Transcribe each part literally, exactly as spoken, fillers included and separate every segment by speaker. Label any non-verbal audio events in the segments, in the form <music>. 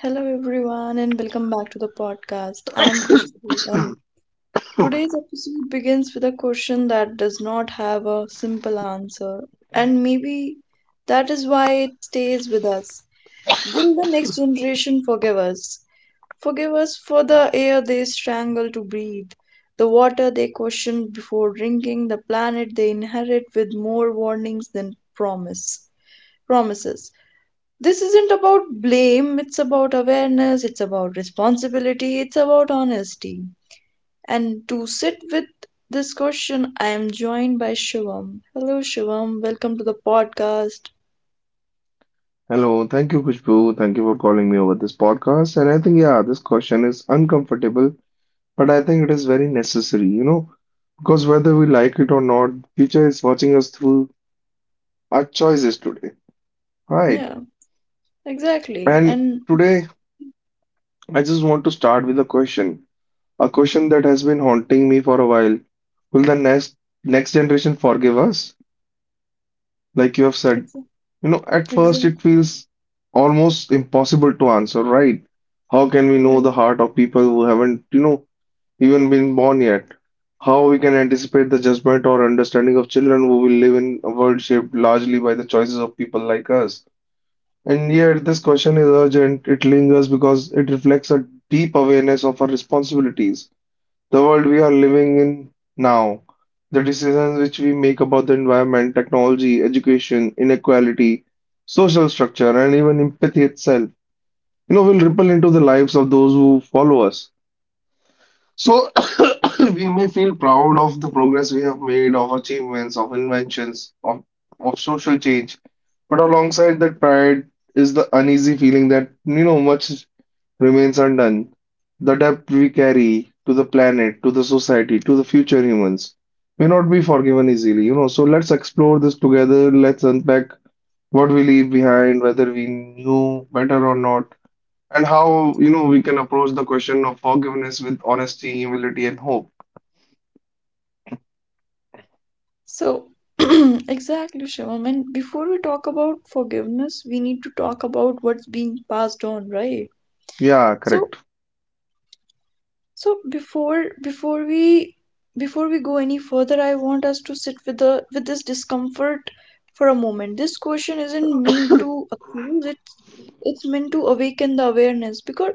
Speaker 1: Hello everyone and welcome back to the podcast. I'm Khushbu and today's episode begins with a question that does not have a simple answer, and maybe that is why it stays with us. Will the next generation forgive us? Forgive us for the air they strangle to breathe, the water they question before drinking, the planet they inherit with more warnings than promise promises. This isn't about blame, it's about awareness, it's about responsibility, it's about honesty. And to sit with this question, I am joined by Shivam. Hello, Shivam. Welcome to the podcast.
Speaker 2: Hello, thank you, Kushbu. Thank you for calling me over this podcast. And I think, yeah, this question is uncomfortable, but I think it is very necessary, you know, because whether we like it or not, future is watching us through our choices today, right?
Speaker 1: Yeah, exactly.
Speaker 2: And
Speaker 1: And
Speaker 2: today, I just want to start with a question, a question that has been haunting me for a while. Will the next next generation forgive us? Like you have said,
Speaker 1: exactly,
Speaker 2: You know, at first
Speaker 1: exactly,
Speaker 2: it feels almost impossible to answer, right? How can we know
Speaker 1: right.
Speaker 2: the heart of people who haven't, you know, even been born yet? How we can anticipate the judgment or understanding of children who will live in a world shaped largely by the choices of people like us? And yet, this question is urgent. It lingers because it reflects a deep awareness of our responsibilities, the world we are living in now, the decisions which we make about the environment, technology, education, inequality, social structure, and even empathy itself, you know, will ripple into the lives of those who follow us. So <coughs> we may feel proud of the progress we have made, of achievements, of inventions, of, of social change. But alongside that pride is the uneasy feeling that, you know, much remains undone. The debt we carry to the planet, to the society, to the future humans may not be forgiven easily, you know. So let's explore this together. Let's unpack what we leave behind, whether we knew better or not, and how you know we can approach the question of forgiveness with honesty, humility, and hope.
Speaker 1: So, <clears throat> exactly, Shivam. And before we talk about forgiveness, we need to talk about what's being passed on, right?
Speaker 2: Yeah,
Speaker 1: So,
Speaker 2: correct. <laughs>
Speaker 1: So before before we before we go any further, I want us to sit with the with this discomfort for a moment. This question isn't meant to accuse, it's it's meant to awaken the awareness, because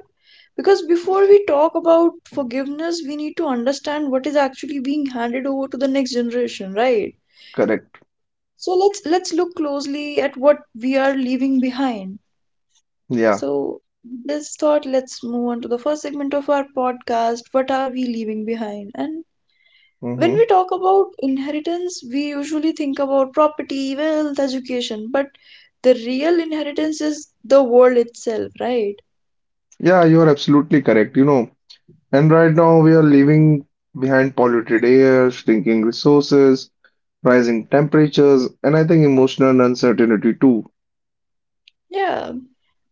Speaker 1: because before we talk about forgiveness, we need to understand what is actually being handed over to the next generation, right?
Speaker 2: Correct.
Speaker 1: So let's let's look closely at what we are leaving behind.
Speaker 2: Yeah.
Speaker 1: So with this thought, let's move on to the first segment of our podcast. What are we leaving behind? And when
Speaker 2: Mm-hmm.
Speaker 1: we talk about inheritance, we usually think about property, wealth, education, but the real inheritance is the world itself, right?
Speaker 2: Yeah, you are absolutely correct. You know, and right now we are leaving behind polluted air, shrinking resources, rising temperatures, and I think emotional uncertainty too.
Speaker 1: Yeah.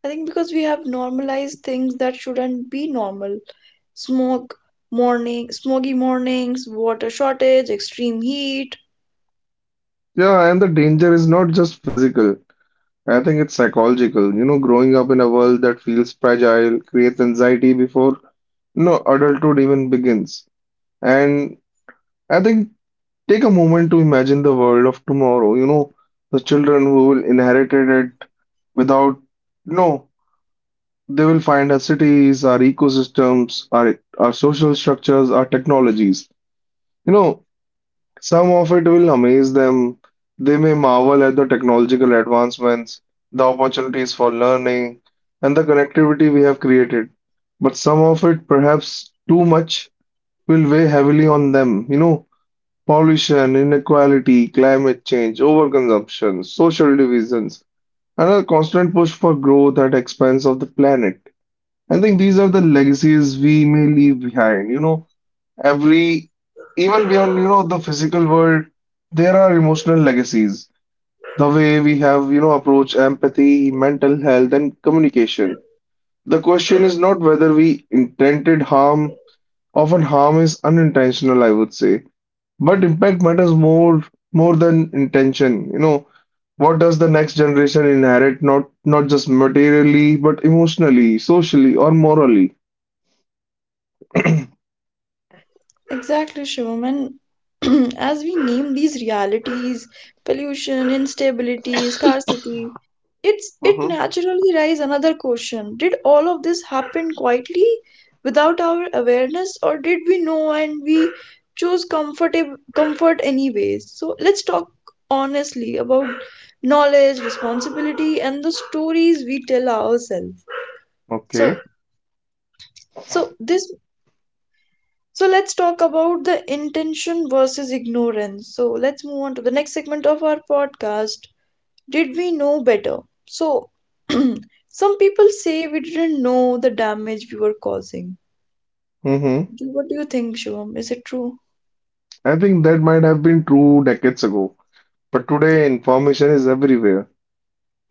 Speaker 1: I think because we have normalized things that shouldn't be normal. Smoke, morning, Smoky mornings, water shortage, extreme heat.
Speaker 2: Yeah, and the danger is not just physical. I think it's psychological. You know, growing up in a world that feels fragile creates anxiety before, you know, adulthood even begins. And I think take a moment to imagine the world of tomorrow. You know, the children who will inherit it without, you know, they will find our cities, our ecosystems, our our social structures, our technologies. You know, some of it will amaze them. They may marvel at the technological advancements, the opportunities for learning, and the connectivity we have created. But some of it, perhaps too much, will weigh heavily on them. You know, Pollution, inequality, climate change, overconsumption, social divisions, and a constant push for growth at expense of the planet. I think these are the legacies we may leave behind. You know, every, Even beyond, you know, the physical world, there are emotional legacies. The way we have, you know, approach empathy, mental health, and communication. The question is not whether we intended harm, often harm is unintentional, I would say. But impact matters more more than intention. You know, what does the next generation inherit? Not not just materially, but emotionally, socially, or morally.
Speaker 1: Exactly, Shivam. And <clears throat> as we name these realities, pollution, instability, scarcity, it's it
Speaker 2: Hmm.
Speaker 1: naturally raises another question. Did all of this happen quietly without our awareness, or did we know and we choose comfortable comfort anyways? So let's talk honestly about knowledge, responsibility, and the stories we tell ourselves. So
Speaker 2: Okay.
Speaker 1: so this So let's talk about the intention versus ignorance. So let's move on to the next segment of our podcast. Did we know better? So <clears throat> some people say we didn't know the damage we were causing.
Speaker 2: Mm-hmm.
Speaker 1: Do- What do you think, Shivam? Is it true?
Speaker 2: I think that might have been true decades ago, but today information is everywhere.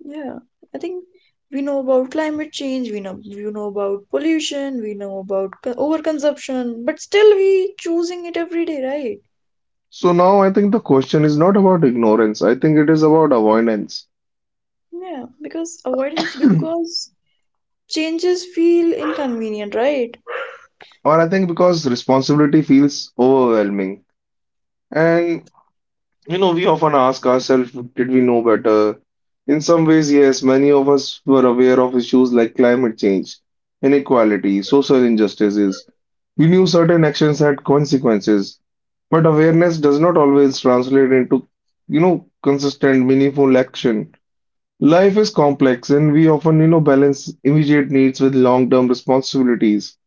Speaker 1: Yeah, I think we know about climate change, we know we know about pollution, we know about co- overconsumption, but still we choosing it every day, right?
Speaker 2: So now I think the question is not about ignorance. I think it is about avoidance.
Speaker 1: Yeah, because avoidance
Speaker 2: <clears throat>
Speaker 1: because changes feel inconvenient, right?
Speaker 2: Or I think because responsibility feels overwhelming. And. You know, we often ask ourselves, did we know better? In some ways, yes, many of us were aware of issues like climate change, inequality, social injustices. We knew certain actions had consequences, but awareness does not always translate into, you know, consistent, meaningful action. Life is complex, and we often, you know, balance immediate needs with long-term responsibilities.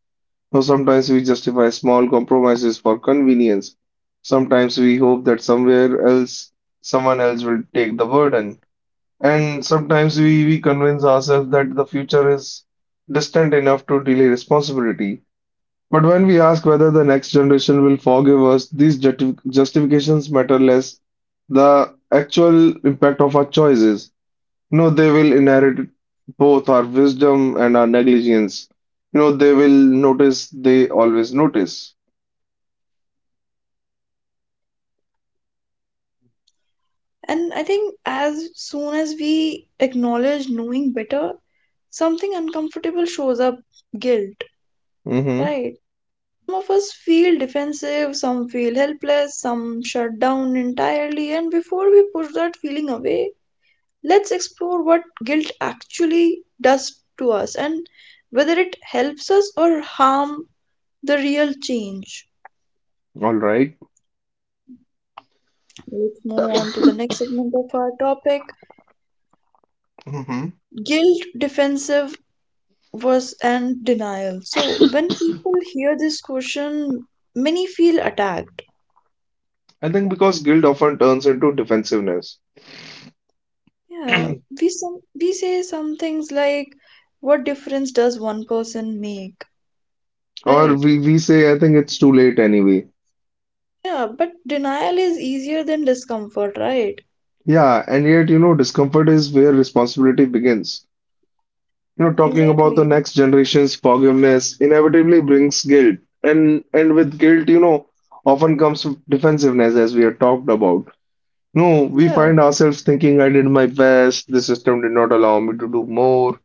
Speaker 2: So sometimes we justify small compromises for convenience. Sometimes we hope that somewhere else, someone else will take the burden. And sometimes we, we convince ourselves that the future is distant enough to delay responsibility. But when we ask whether the next generation will forgive us, these justi- justifications matter less the actual impact of our choices. No, they will inherit both our wisdom and our negligence. You know, they will notice, they always notice.
Speaker 1: And I think as soon as we acknowledge knowing better, something uncomfortable shows up, guilt,
Speaker 2: Mm-hmm.
Speaker 1: right? Some of us feel defensive, some feel helpless, some shut down entirely. And before we push that feeling away, let's explore what guilt actually does to us and whether it helps us or harm the real change.
Speaker 2: All right.
Speaker 1: Let's move on to the next segment of our topic,
Speaker 2: Mm-hmm.
Speaker 1: guilt, defensive was and denial. So when people hear this question, many feel attacked.
Speaker 2: I think because guilt often turns into defensiveness. <clears throat>
Speaker 1: Yeah, we some we say some things like, "What difference does one person make?"
Speaker 2: Or
Speaker 1: Right?
Speaker 2: we, we say, I think it's too late anyway.
Speaker 1: Yeah, but denial is easier than discomfort, right?
Speaker 2: Yeah, and yet, you know, discomfort is where responsibility begins. You know, talking about the
Speaker 1: Exactly.
Speaker 2: next generation's forgiveness inevitably brings guilt. And and with guilt, you know, often comes defensiveness as we have talked about. No, we
Speaker 1: Yeah,
Speaker 2: find ourselves thinking I did my best, the system did not allow me to do more,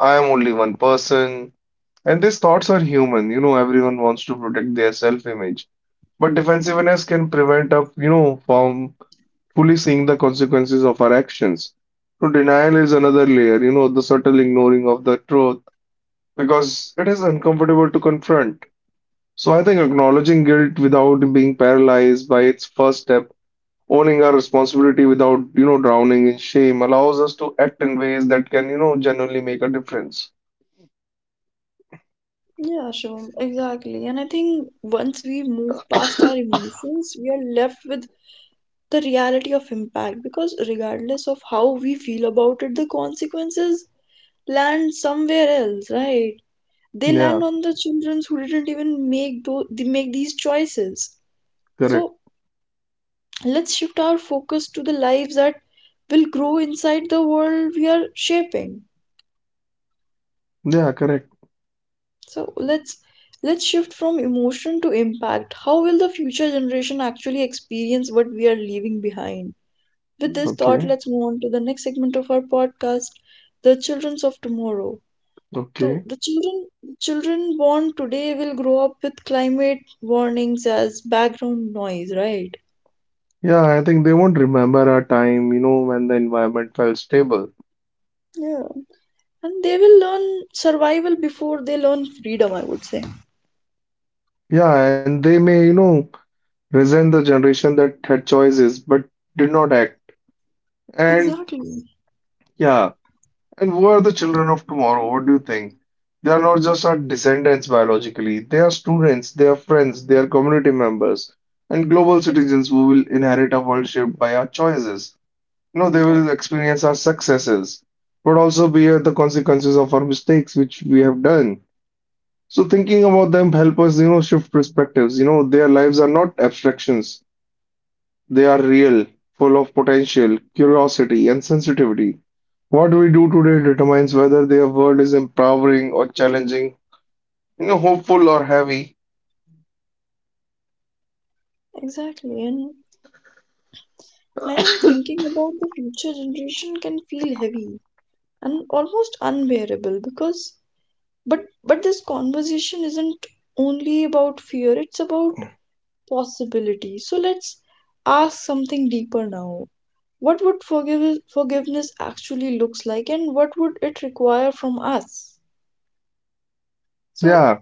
Speaker 2: I am only one person. And these thoughts are human, you know, everyone wants to protect their self-image. But defensiveness can prevent us, you know, from fully seeing the consequences of our actions. So denial is another layer, you know, the subtle ignoring of the truth because it is uncomfortable to confront. So I think acknowledging guilt without being paralyzed by its first step. Owning our responsibility without, you know, drowning in shame allows us to act in ways that can, you know, genuinely make a difference.
Speaker 1: yeah, sure, exactly. And I think once we move past our emotions, we are left with the reality of impact, because regardless of how we feel about it, the consequences land somewhere else, right? They
Speaker 2: Yeah,
Speaker 1: land on the children who didn't even make those, they make these choices.
Speaker 2: correct.
Speaker 1: So let's shift our focus to the lives that will grow inside the world we are shaping.
Speaker 2: Yeah, correct.
Speaker 1: So let's let's shift from emotion to impact. How will the future generation actually experience what we are leaving behind? With this thought,
Speaker 2: Okay,
Speaker 1: let's move on to the next segment of our podcast, the childrens of tomorrow. So
Speaker 2: okay.
Speaker 1: the children the children born today will grow up with climate warnings as background noise, right?
Speaker 2: Yeah, I think they won't remember a time, you know, when the environment felt stable.
Speaker 1: Yeah. And they will learn survival before they learn freedom, I would say.
Speaker 2: Yeah, and they may, you know, resent the generation that had choices but did not act. And
Speaker 1: Exactly.
Speaker 2: yeah, and who are the children of tomorrow? What do you think? They are not just our descendants biologically. They are students, they are friends, they are community members, and global
Speaker 1: Ex-
Speaker 2: citizens who will inherit a world shaped by our choices. You know, they
Speaker 1: yeah,
Speaker 2: will experience our successes, but also bear the consequences of our mistakes which we have done. So thinking about them help us, you know, shift perspectives. You know, their lives are not abstractions. They are real, full of potential, curiosity, and sensitivity. What we do today determines whether their world is empowering or challenging, you know, hopeful or heavy.
Speaker 1: exactly. And I think thinking about the future generation can feel heavy and almost unbearable, because but but this conversation isn't only about fear, it's about possibility. So let's ask something deeper now. What would forgive, forgiveness actually looks like and what would it require from us? So
Speaker 2: Yeah,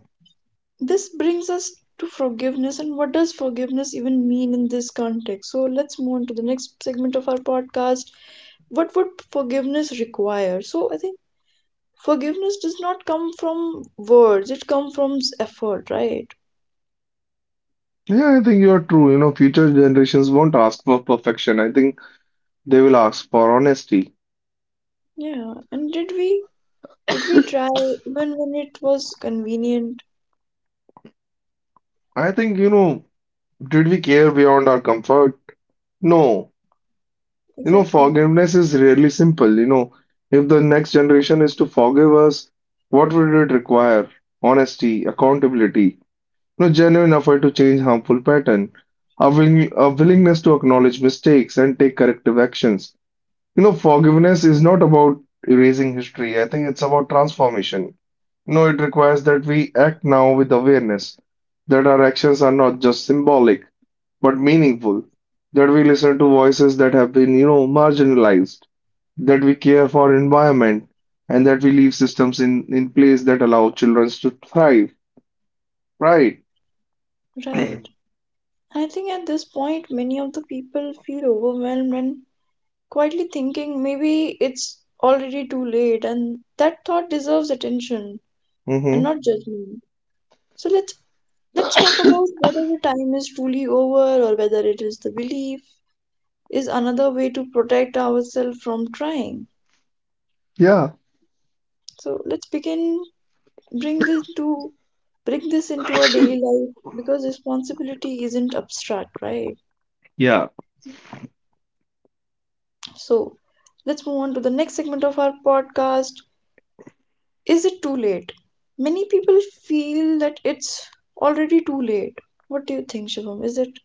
Speaker 1: this brings us to forgiveness. And what does forgiveness even mean in this context? So let's move on to the next segment of our podcast. What would forgiveness require? So I think forgiveness does not come from words, it comes from effort, right?
Speaker 2: yeah, I think you are true. You know, future generations won't ask for perfection. I think they will ask for honesty.
Speaker 1: Yeah. And did we did we try even when it was convenient?
Speaker 2: I think, you know, did we care beyond our comfort? No. You know,
Speaker 1: Exactly.
Speaker 2: forgiveness is really simple. You know, if the next generation is to forgive us, what would it require? Honesty, accountability. No genuine effort to change harmful pattern, a, willing, a willingness to acknowledge mistakes and take corrective actions. You know, forgiveness is not about erasing history. I think it's about transformation. You know, it requires that we act now with awareness that our actions are not just symbolic but meaningful, that we listen to voices that have been, you know, marginalized, that we care for environment, and that we leave systems in, in place that allow children to thrive. Right.
Speaker 1: Right. I think at this point, many of the people feel overwhelmed and quietly thinking maybe it's already too late, and that thought deserves attention and
Speaker 2: Mm-hmm.
Speaker 1: not judgment. So let's let's talk about whether the time is truly over or whether it is the belief is another way to protect ourselves from trying.
Speaker 2: Yeah,
Speaker 1: So let's begin bring this to bring this into our daily life, because responsibility isn't abstract, right?
Speaker 2: yeah,
Speaker 1: So, let's move on to the next segment of our podcast. Is it too late? Many people feel that it's already too late. What do you think, Shivam? Is it?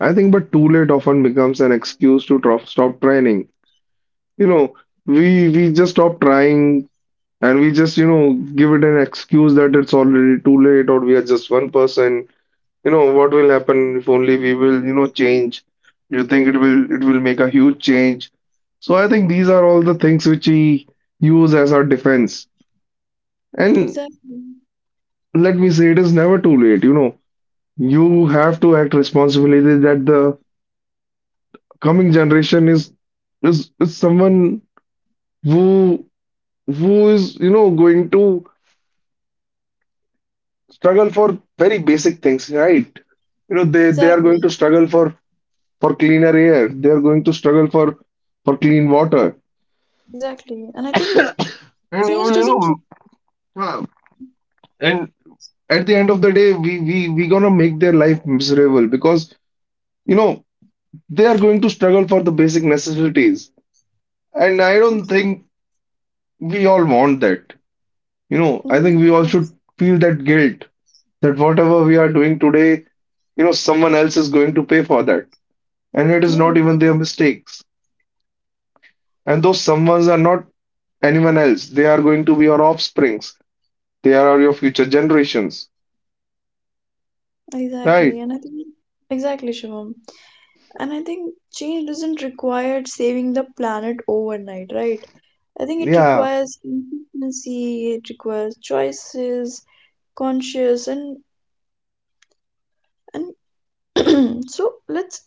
Speaker 2: I think but too late often becomes an excuse to drop, stop trying. You know, we we just stop trying, and we just, you know, give it an excuse that it's already too late or we are just one person. You know, what will happen if only we will, you know, change? Do You think it will it will make a huge change? So I think these are all the things which we use as our defense. And
Speaker 1: Exactly.
Speaker 2: let me say, it is never too late. You know, you have to act responsibly that the coming generation is is is someone who who is you know going to struggle for very basic things, right? you know they they are going
Speaker 1: Exactly.
Speaker 2: to struggle for for cleaner air, they are going to struggle for for clean water,
Speaker 1: Exactly. And I think
Speaker 2: and you
Speaker 1: change
Speaker 2: will you
Speaker 1: doesn't.
Speaker 2: know uh, and at the end of the day, we we we gonna make their life miserable because you know they are going to struggle for the basic necessities, and i don't think we all want that. you know i
Speaker 1: Mm,
Speaker 2: think we all should
Speaker 1: yes.
Speaker 2: feel that guilt, that whatever we are doing today, you know, someone else is going to pay for that. And it is
Speaker 1: Yeah,
Speaker 2: not even their mistakes. And those someones are not anyone else. They are going to be your offsprings. They are your future generations. Right.
Speaker 1: exactly. And I think. Exactly, Shivam. And I think change doesn't require saving the planet overnight, right? I think it
Speaker 2: Yeah.
Speaker 1: requires consistency, it requires choices, conscious, and and <clears throat> so let's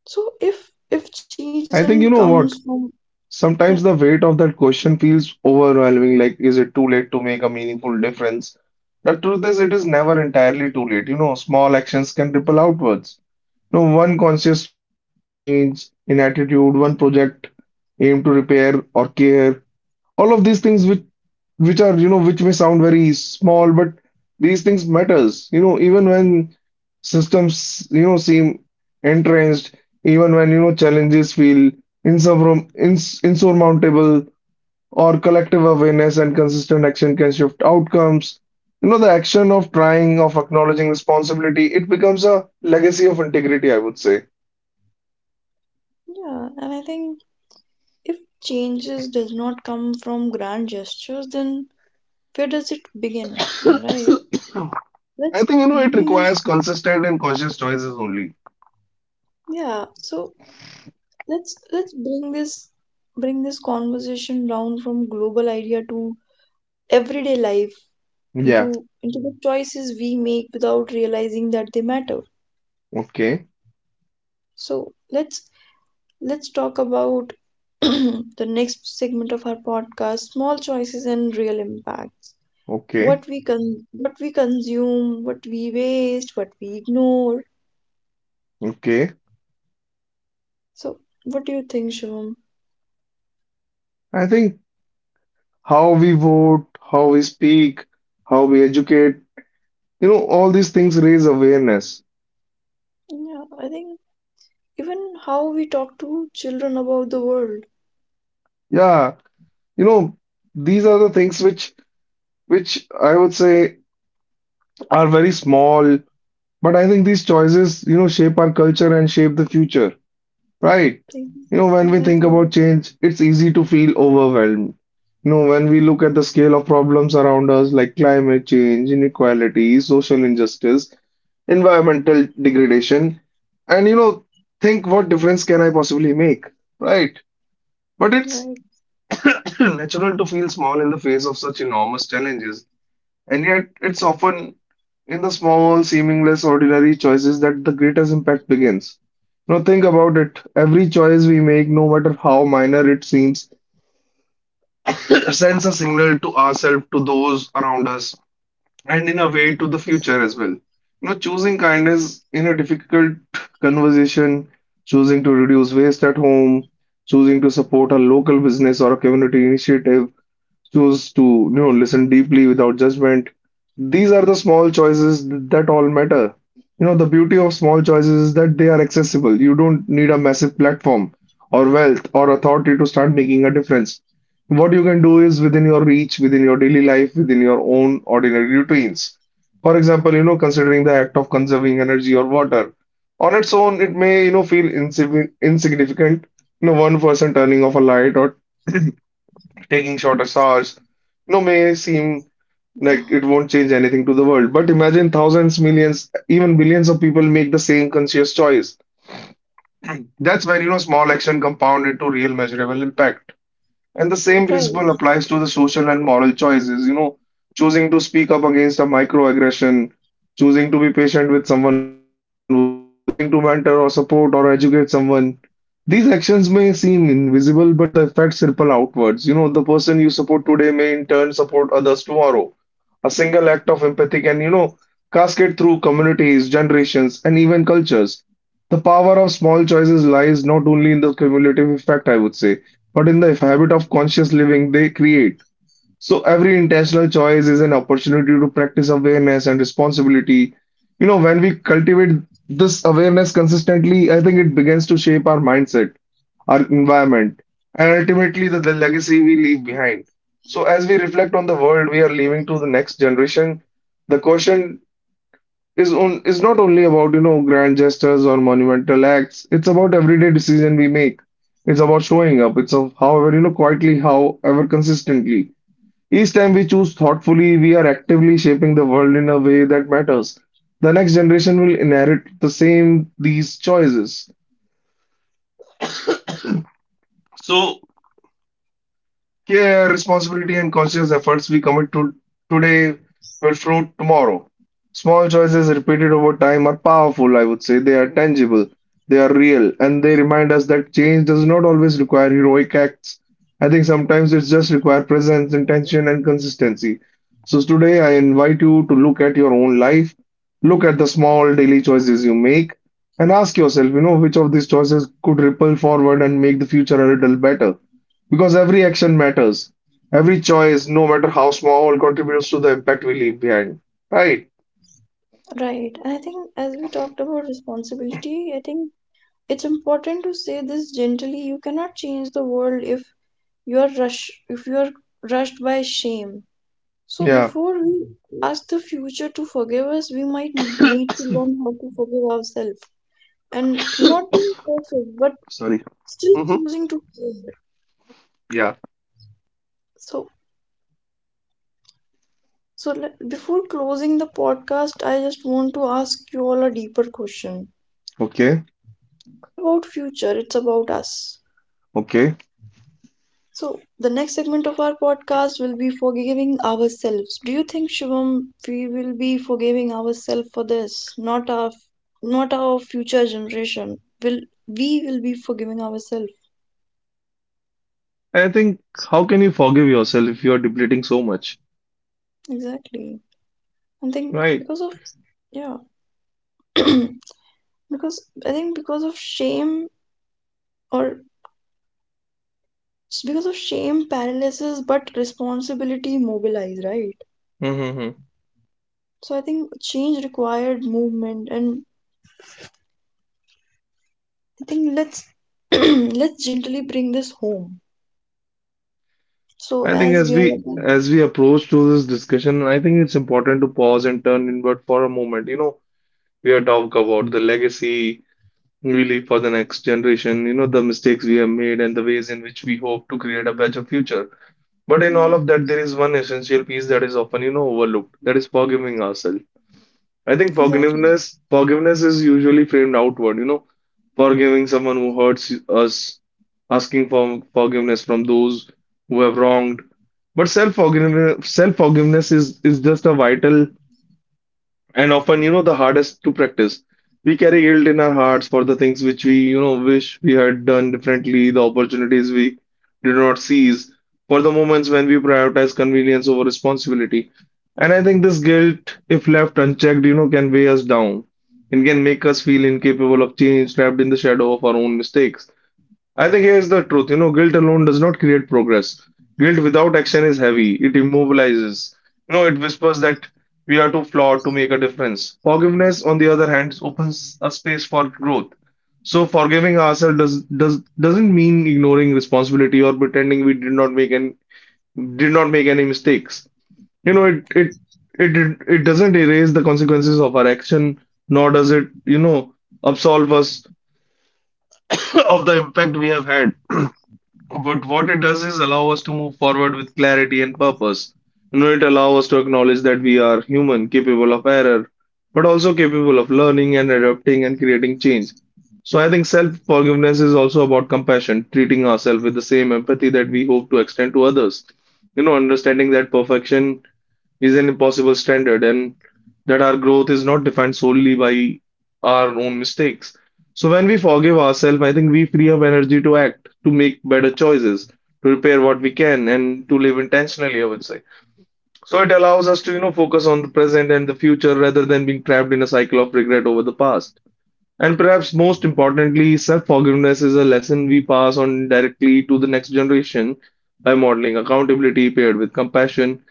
Speaker 1: so if if change
Speaker 2: I
Speaker 1: doesn't
Speaker 2: think you know
Speaker 1: comes
Speaker 2: what?
Speaker 1: from, yeah,
Speaker 2: Sometimes the weight of that question feels overwhelming. Like, is it too late to make a meaningful difference? The truth is, it is never entirely too late. You know, small actions can ripple outwards. No, one conscious choice, one change in attitude, one project aim to repair or care. All of these things which which are, you know, which may sound very small, but these things matters. You know, even when systems, you know, seem entrenched, even when, you know, challenges feel insurmount- ins- insurmountable or collective awareness and consistent action can shift outcomes. You know, the action of trying, of acknowledging responsibility, it becomes a legacy of integrity, I would say.
Speaker 1: yeah. And I think if changes does not come from grand gestures, then where does it begin, right?
Speaker 2: I
Speaker 1: Let's
Speaker 2: think, you know, it
Speaker 1: bring this
Speaker 2: requires consistent and conscious choices only.
Speaker 1: yeah so let's let's bring this bring this conversation down from global idea to everyday life,
Speaker 2: Yeah.
Speaker 1: into into the choices we make without realizing that they matter.
Speaker 2: Okay.
Speaker 1: So let's let's talk about <clears throat> the next segment of our podcast, small choices and real impacts.
Speaker 2: Okay.
Speaker 1: What we con- what we consume, what we waste, what we ignore.
Speaker 2: Okay.
Speaker 1: So what do you think, Shivam?
Speaker 2: I think how we vote, how we speak, how we educate, you know, all these things raise awareness.
Speaker 1: Yeah, I think even how we talk to children about the world.
Speaker 2: Yeah. You know, these are the things which which I would say are very small, but I think these choices, you know, shape our culture and shape the future. Right.
Speaker 1: Think-
Speaker 2: You know, when we think
Speaker 1: exactly,
Speaker 2: about change, it's easy to feel overwhelmed. You know, when we look at the scale of problems around us, like climate change, inequality, social injustice, environmental degradation, and you know, think what difference can I possibly make? Right. But it's <coughs> <clears throat> natural to feel small in the face of such enormous challenges. And yet, it's often in the small, seeming less ordinary choices that the greatest impact begins. Now think about it. Every choice we make, no matter how minor it seems, <clears throat> sends a signal to ourselves, to those around us, and in a way to the future as well. You know, choosing kindness in a difficult conversation, choosing to reduce waste at home, choosing to support a local business or a community initiative, choose to you know listen deeply without judgment. These are the small choices that all matter. You know, the beauty of small choices is that they are accessible. You don't need a massive platform or wealth or authority to start making a difference. What you can do is within your reach, within your daily life, within your own ordinary routines. For example, you know, considering the act of conserving energy or water on its own, it may, you know, feel insigni- insignificant. You know, one person turning off a light or taking shorter showers, you know, may seem
Speaker 1: right.
Speaker 2: like
Speaker 1: <laughs>
Speaker 2: it won't change anything to the world. But imagine thousands, millions, even billions of people make the same conscious choice. That's when, you know, small action compound into real measurable impact. And the same principle
Speaker 1: Right.
Speaker 2: applies to the social and moral choices, you know, choosing to speak up against a microaggression, choosing to be patient with someone who struggles, choosing to mentor or support or educate someone. These actions may seem invisible, but the effects ripple outwards. You know, the person you support today may in turn support others tomorrow. A single act of empathy can, you know, cascade through communities, generations, and even cultures. The power of small choices lies not only in the cumulative effect, I would say, but in the habit of conscious living they create. So every intentional choice is an opportunity to practice awareness and responsibility. You know, when we cultivate this awareness consistently, I think it begins to shape our mindset, our environment, and ultimately the, the legacy we leave behind. So as we reflect on the world we are leaving to the next generation, the question is on is not only about, you know, grand gestures or monumental acts. It's about everyday decision we make. It's about showing up. It's of, however, you know, quietly, however consistently, each time we choose thoughtfully, we are actively shaping the world in a way that matters. The next generation will inherit the same these choices. So, care, responsibility, and conscious efforts we commit to today will fruit tomorrow. Small choices repeated over time are powerful, I would say. They are tangible, they are real, and they remind us that change does not always require heroic acts. I think sometimes it just requires presence, intention, and consistency. So today I invite you to look at your own life, look at the small daily choices you make, and ask yourself, you know, which of these choices could ripple forward and make the future a little better. Because every action matters. Every choice, no matter how small, contributes to the impact we leave behind. Right?
Speaker 1: Right. And I think as we talked about responsibility, I think it's important to say this gently: you cannot change the world if you are rush if you are rushed by shame. So
Speaker 2: Yeah.
Speaker 1: before we ask the future to forgive us, we might need to learn how to forgive ourselves, and not being perfect but
Speaker 2: Sorry.
Speaker 1: still
Speaker 2: Mm-hmm.
Speaker 1: choosing to care.
Speaker 2: Yeah.
Speaker 1: so so le- Before closing the podcast, I just want to ask you all a deeper question
Speaker 2: Okay.
Speaker 1: about future. It's about us.
Speaker 2: Okay.
Speaker 1: So, the next segment of our podcast will be forgiving ourselves. Do you think, Shivam, we will be forgiving ourselves for this? Not our, not our future generation. Will we will be forgiving ourselves?
Speaker 2: I think how can you forgive yourself if you are depleting so much?
Speaker 1: Exactly. I think
Speaker 2: Right.
Speaker 1: because of, yeah, <clears throat> because I think because of shame, or s- because of shame paralysis, but responsibility mobilize, right?
Speaker 2: Mm-hmm.
Speaker 1: So I think change required movement, and I think let's <clears throat> let's gently bring this home. So
Speaker 2: I think
Speaker 1: as
Speaker 2: as
Speaker 1: we are
Speaker 2: we
Speaker 1: about,
Speaker 2: as we approach to this discussion, I think it's important to pause and turn inward for a moment. You know, we are talking about the legacy we leave for the next generation. You know, the mistakes we have made and the ways in which we hope to create a better future. But in
Speaker 1: yeah,
Speaker 2: all of that, there is one essential piece that is often, you know, overlooked. That is forgiving ourselves. I think
Speaker 1: exactly.
Speaker 2: forgiveness, forgiveness is usually framed outward, you know, forgiving someone who hurts us, asking for forgiveness from those who have wronged. But self-forgiveness, self-forgiveness is is just a vital and often, you know, the hardest to practice. We carry guilt in our hearts for the things which we, you know, wish we had done differently, the opportunities we did not seize, for the moments when we prioritize convenience over responsibility. And I think this guilt, if left unchecked, you know, can weigh us down and can make us feel incapable of change, trapped in the shadow of our own mistakes. I think here's the truth. You know, guilt alone does not create progress. Guilt without action is heavy. It immobilizes. You know, it whispers that we are too flawed to make a difference. Forgiveness, on the other hand, opens a space for growth. So forgiving ourselves does, does doesn't mean ignoring responsibility or pretending we did not make any did not make any mistakes. You know, it it it it it doesn't erase the consequences of our action, nor does it, you know, absolve us <coughs> <clears throat> of the impact we have had. <clears throat> But what it does is allow us to move forward with clarity and purpose. You know, it allows us to acknowledge that we are human, capable of error, but also capable of learning and adapting and creating change. So I think self-forgiveness is also about compassion, treating ourselves with the same empathy that we hope to extend to others. You know, understanding that perfection is an impossible standard and that our growth is not defined solely by our own mistakes. So when we forgive ourselves, I think we free up energy to act, to make better choices, to repair what we can, and to live intentionally, I would say. So it allows us to, you know, focus on the present and the future rather than being trapped in a cycle of regret over the past. And perhaps most importantly, self-forgiveness is a lesson we pass on directly to the next generation. By modeling accountability paired with compassion,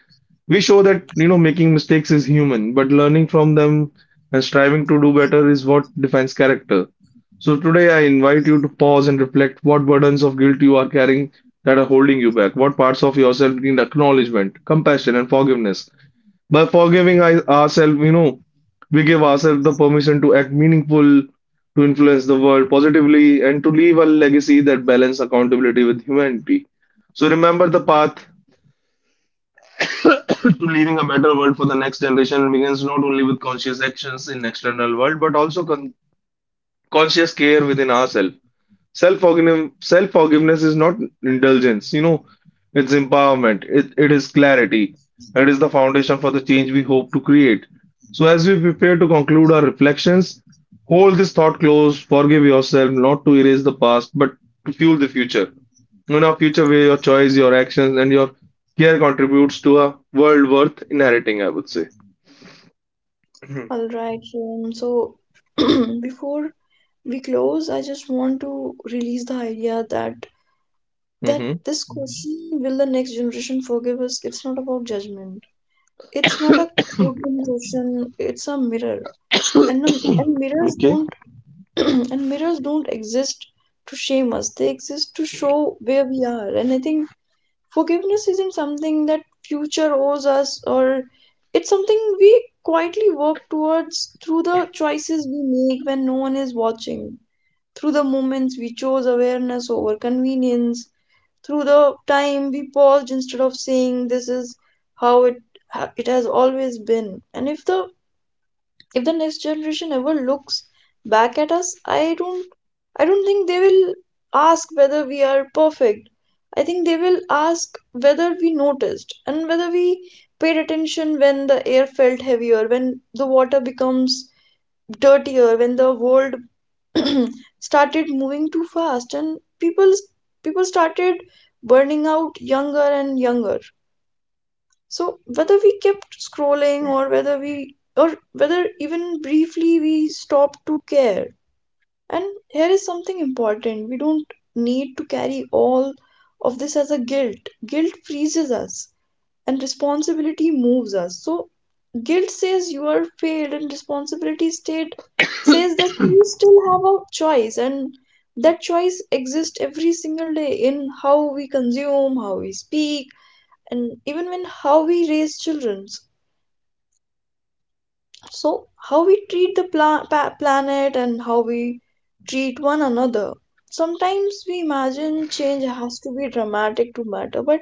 Speaker 2: we show that, you know, making mistakes is human, but learning from them and striving to do better is what defines character. So today I invite you to pause and reflect what burdens of guilt you are carrying that are holding you back. What parts of yourself need acknowledgement, compassion, and forgiveness. By forgiving I- ourselves, you know, we give ourselves the permission to act meaningful, to influence the world positively, and to leave a legacy that balance accountability with humanity. So remember the path to leaving a better world for the next generation begins not only with conscious actions in external world but also con- conscious care within ourselves. Self-forgiveness, self-forgiveness is not indulgence, you know, it's empowerment, it, it is clarity, it is the foundation for the change we hope to create. So, as we prepare to conclude our reflections, hold this thought close, forgive yourself, not to erase the past, but to fuel the future. In our future, where your choice, your actions, and your care contributes to a world worth inheriting, I would say. <clears throat> Hmm.
Speaker 1: All right, um, so <clears throat> before we close, I just want to release the idea that that this question, will the next generation forgive us? It's not about judgment. It's not a coding question. It's a mirror, and the- and mirrors
Speaker 2: Okay.
Speaker 1: don't <clears throat> and mirrors don't exist to shame us. They exist to show where we are. And I think forgiveness isn't something that future owes us, or it's something we quietly work towards through the choices we make when no one is watching, through the moments we chose awareness over convenience, through the time we paused instead of saying this is how it ha- it has always been. And if the if the next generation ever looks back at us, i don't i don't think they will ask whether we are perfect. I think they will ask whether we noticed and whether we paid attention, when the air felt heavier, when the water becomes dirtier, when the world <clears throat> started moving too fast and people people started burning out younger and younger, so whether we kept scrolling or whether we or whether even briefly we stopped to care. And here is something important. We don't need to carry all of this as a guilt. Guilt freezes us and responsibility moves us. So guilt says you are failed and responsibility state says that you still have a choice, and that choice exists every single day, in how we consume, how we speak, and even in how we raise children, so how we treat the pla- pa- planet and how we treat one another. Sometimes we imagine change has to be dramatic to matter, but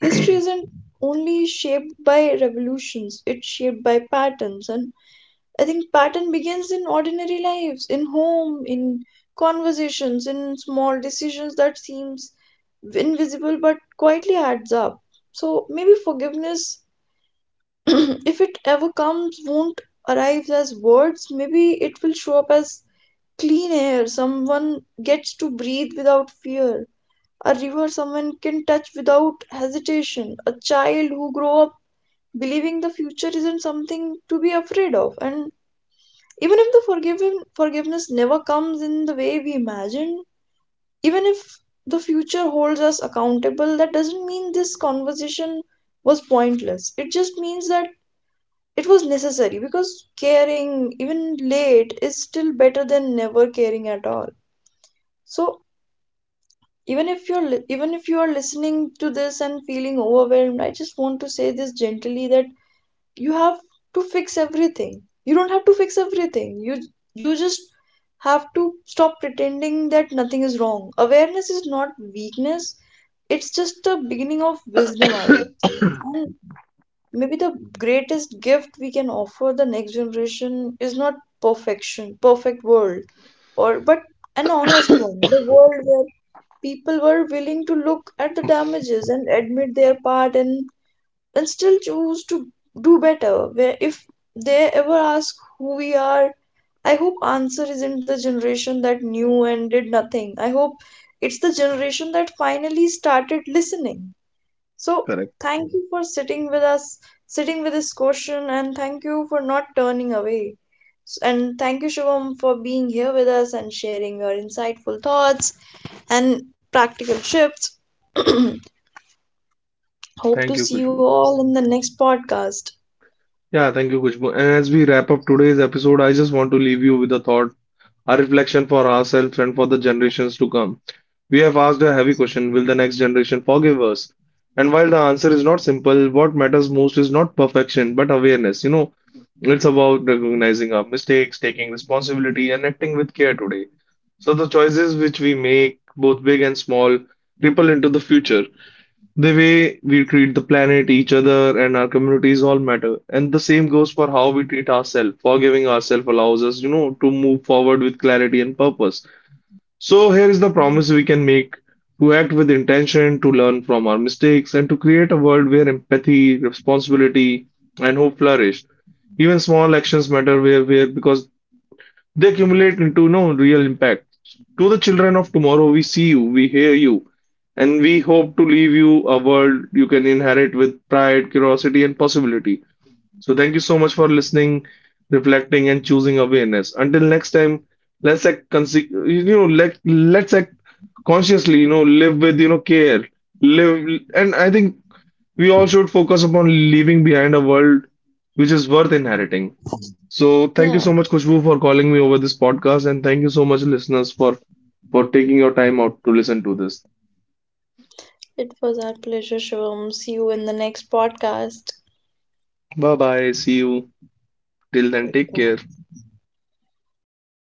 Speaker 1: history isn't only shaped by revolutions, it's shaped by patterns. And I think pattern begins in ordinary lives, in home, in conversations, in small decisions that seems invisible but quietly adds up. So maybe forgiveness, <clears throat> if it ever comes, won't arrive as words. Maybe it will show up as clean air someone gets to breathe without fear, a river someone can touch without hesitation, a child who grow up believing the future isn't something to be afraid of. And even if the forgiving forgiveness never comes in the way we imagined, even if the future holds us accountable, that doesn't mean this conversation was pointless. It just means that it was necessary, because caring even late is still better than never caring at all. So even if you're li- even if you are listening to this and feeling overwhelmed, I just want to say this gently, that you have to fix everything you don't have to fix everything. You you just have to stop pretending that nothing is wrong. Awareness is not weakness, it's just a beginning of wisdom, I would say. And maybe the greatest gift we can offer the next generation is not perfection perfect world, or but an honest one, the world where people were willing to look at the damages and admit their part, and and still choose to do better, where if they ever ask who we are, I hope answer isn't the generation that knew and did nothing. I hope it's the generation that finally started listening. So
Speaker 2: Correct.
Speaker 1: thank you for sitting with us, sitting with this question, and thank you for not turning away. S- And thank you, Shivam, for being here with us and sharing your insightful thoughts and practical tips. <clears throat> Hope
Speaker 2: Thank
Speaker 1: to
Speaker 2: you,
Speaker 1: see you
Speaker 2: Kushbu.
Speaker 1: all in the next podcast.
Speaker 2: Yeah, thank you, Kushbu. And as we wrap up today's episode, I just want to leave you with a thought, a reflection for ourselves and for the generations to come. We have asked a heavy question, will the next generation forgive us? And while the answer is not simple, what matters most is not perfection, but awareness. You know, it's about recognizing our mistakes, taking responsibility, and acting with care today. So the choices which we make, both big and small, ripple into the future. The way we treat the planet, each other, and our communities all matter. And the same goes for how we treat ourselves. Forgiving ourselves allows us, you know, to move forward with clarity and purpose. So here is the promise we can make to act with intention, to learn from our mistakes, and to create a world where empathy, responsibility, and hope flourish. Even small actions matter where where because they accumulate into no real impact. To the children of tomorrow, we see you, we hear you, and we hope to leave you a world you can inherit with pride, curiosity, and possibility. So, thank you so much for listening, reflecting, and choosing awareness. Until next time, let's act conse- you know let let's act consciously. You know, live with, you know, care, live, and I think we all should focus upon leaving behind a world which is worth inheriting. So thank you
Speaker 1: Yeah,
Speaker 2: so much, Kushbu, for calling me over this podcast, and thank you so much, listeners, for for taking your time out to listen to this.
Speaker 1: it was our pleasure, Shivam. See you in the next podcast.
Speaker 2: Bye bye. See you. Till then, take care.
Speaker 1: Goodbye.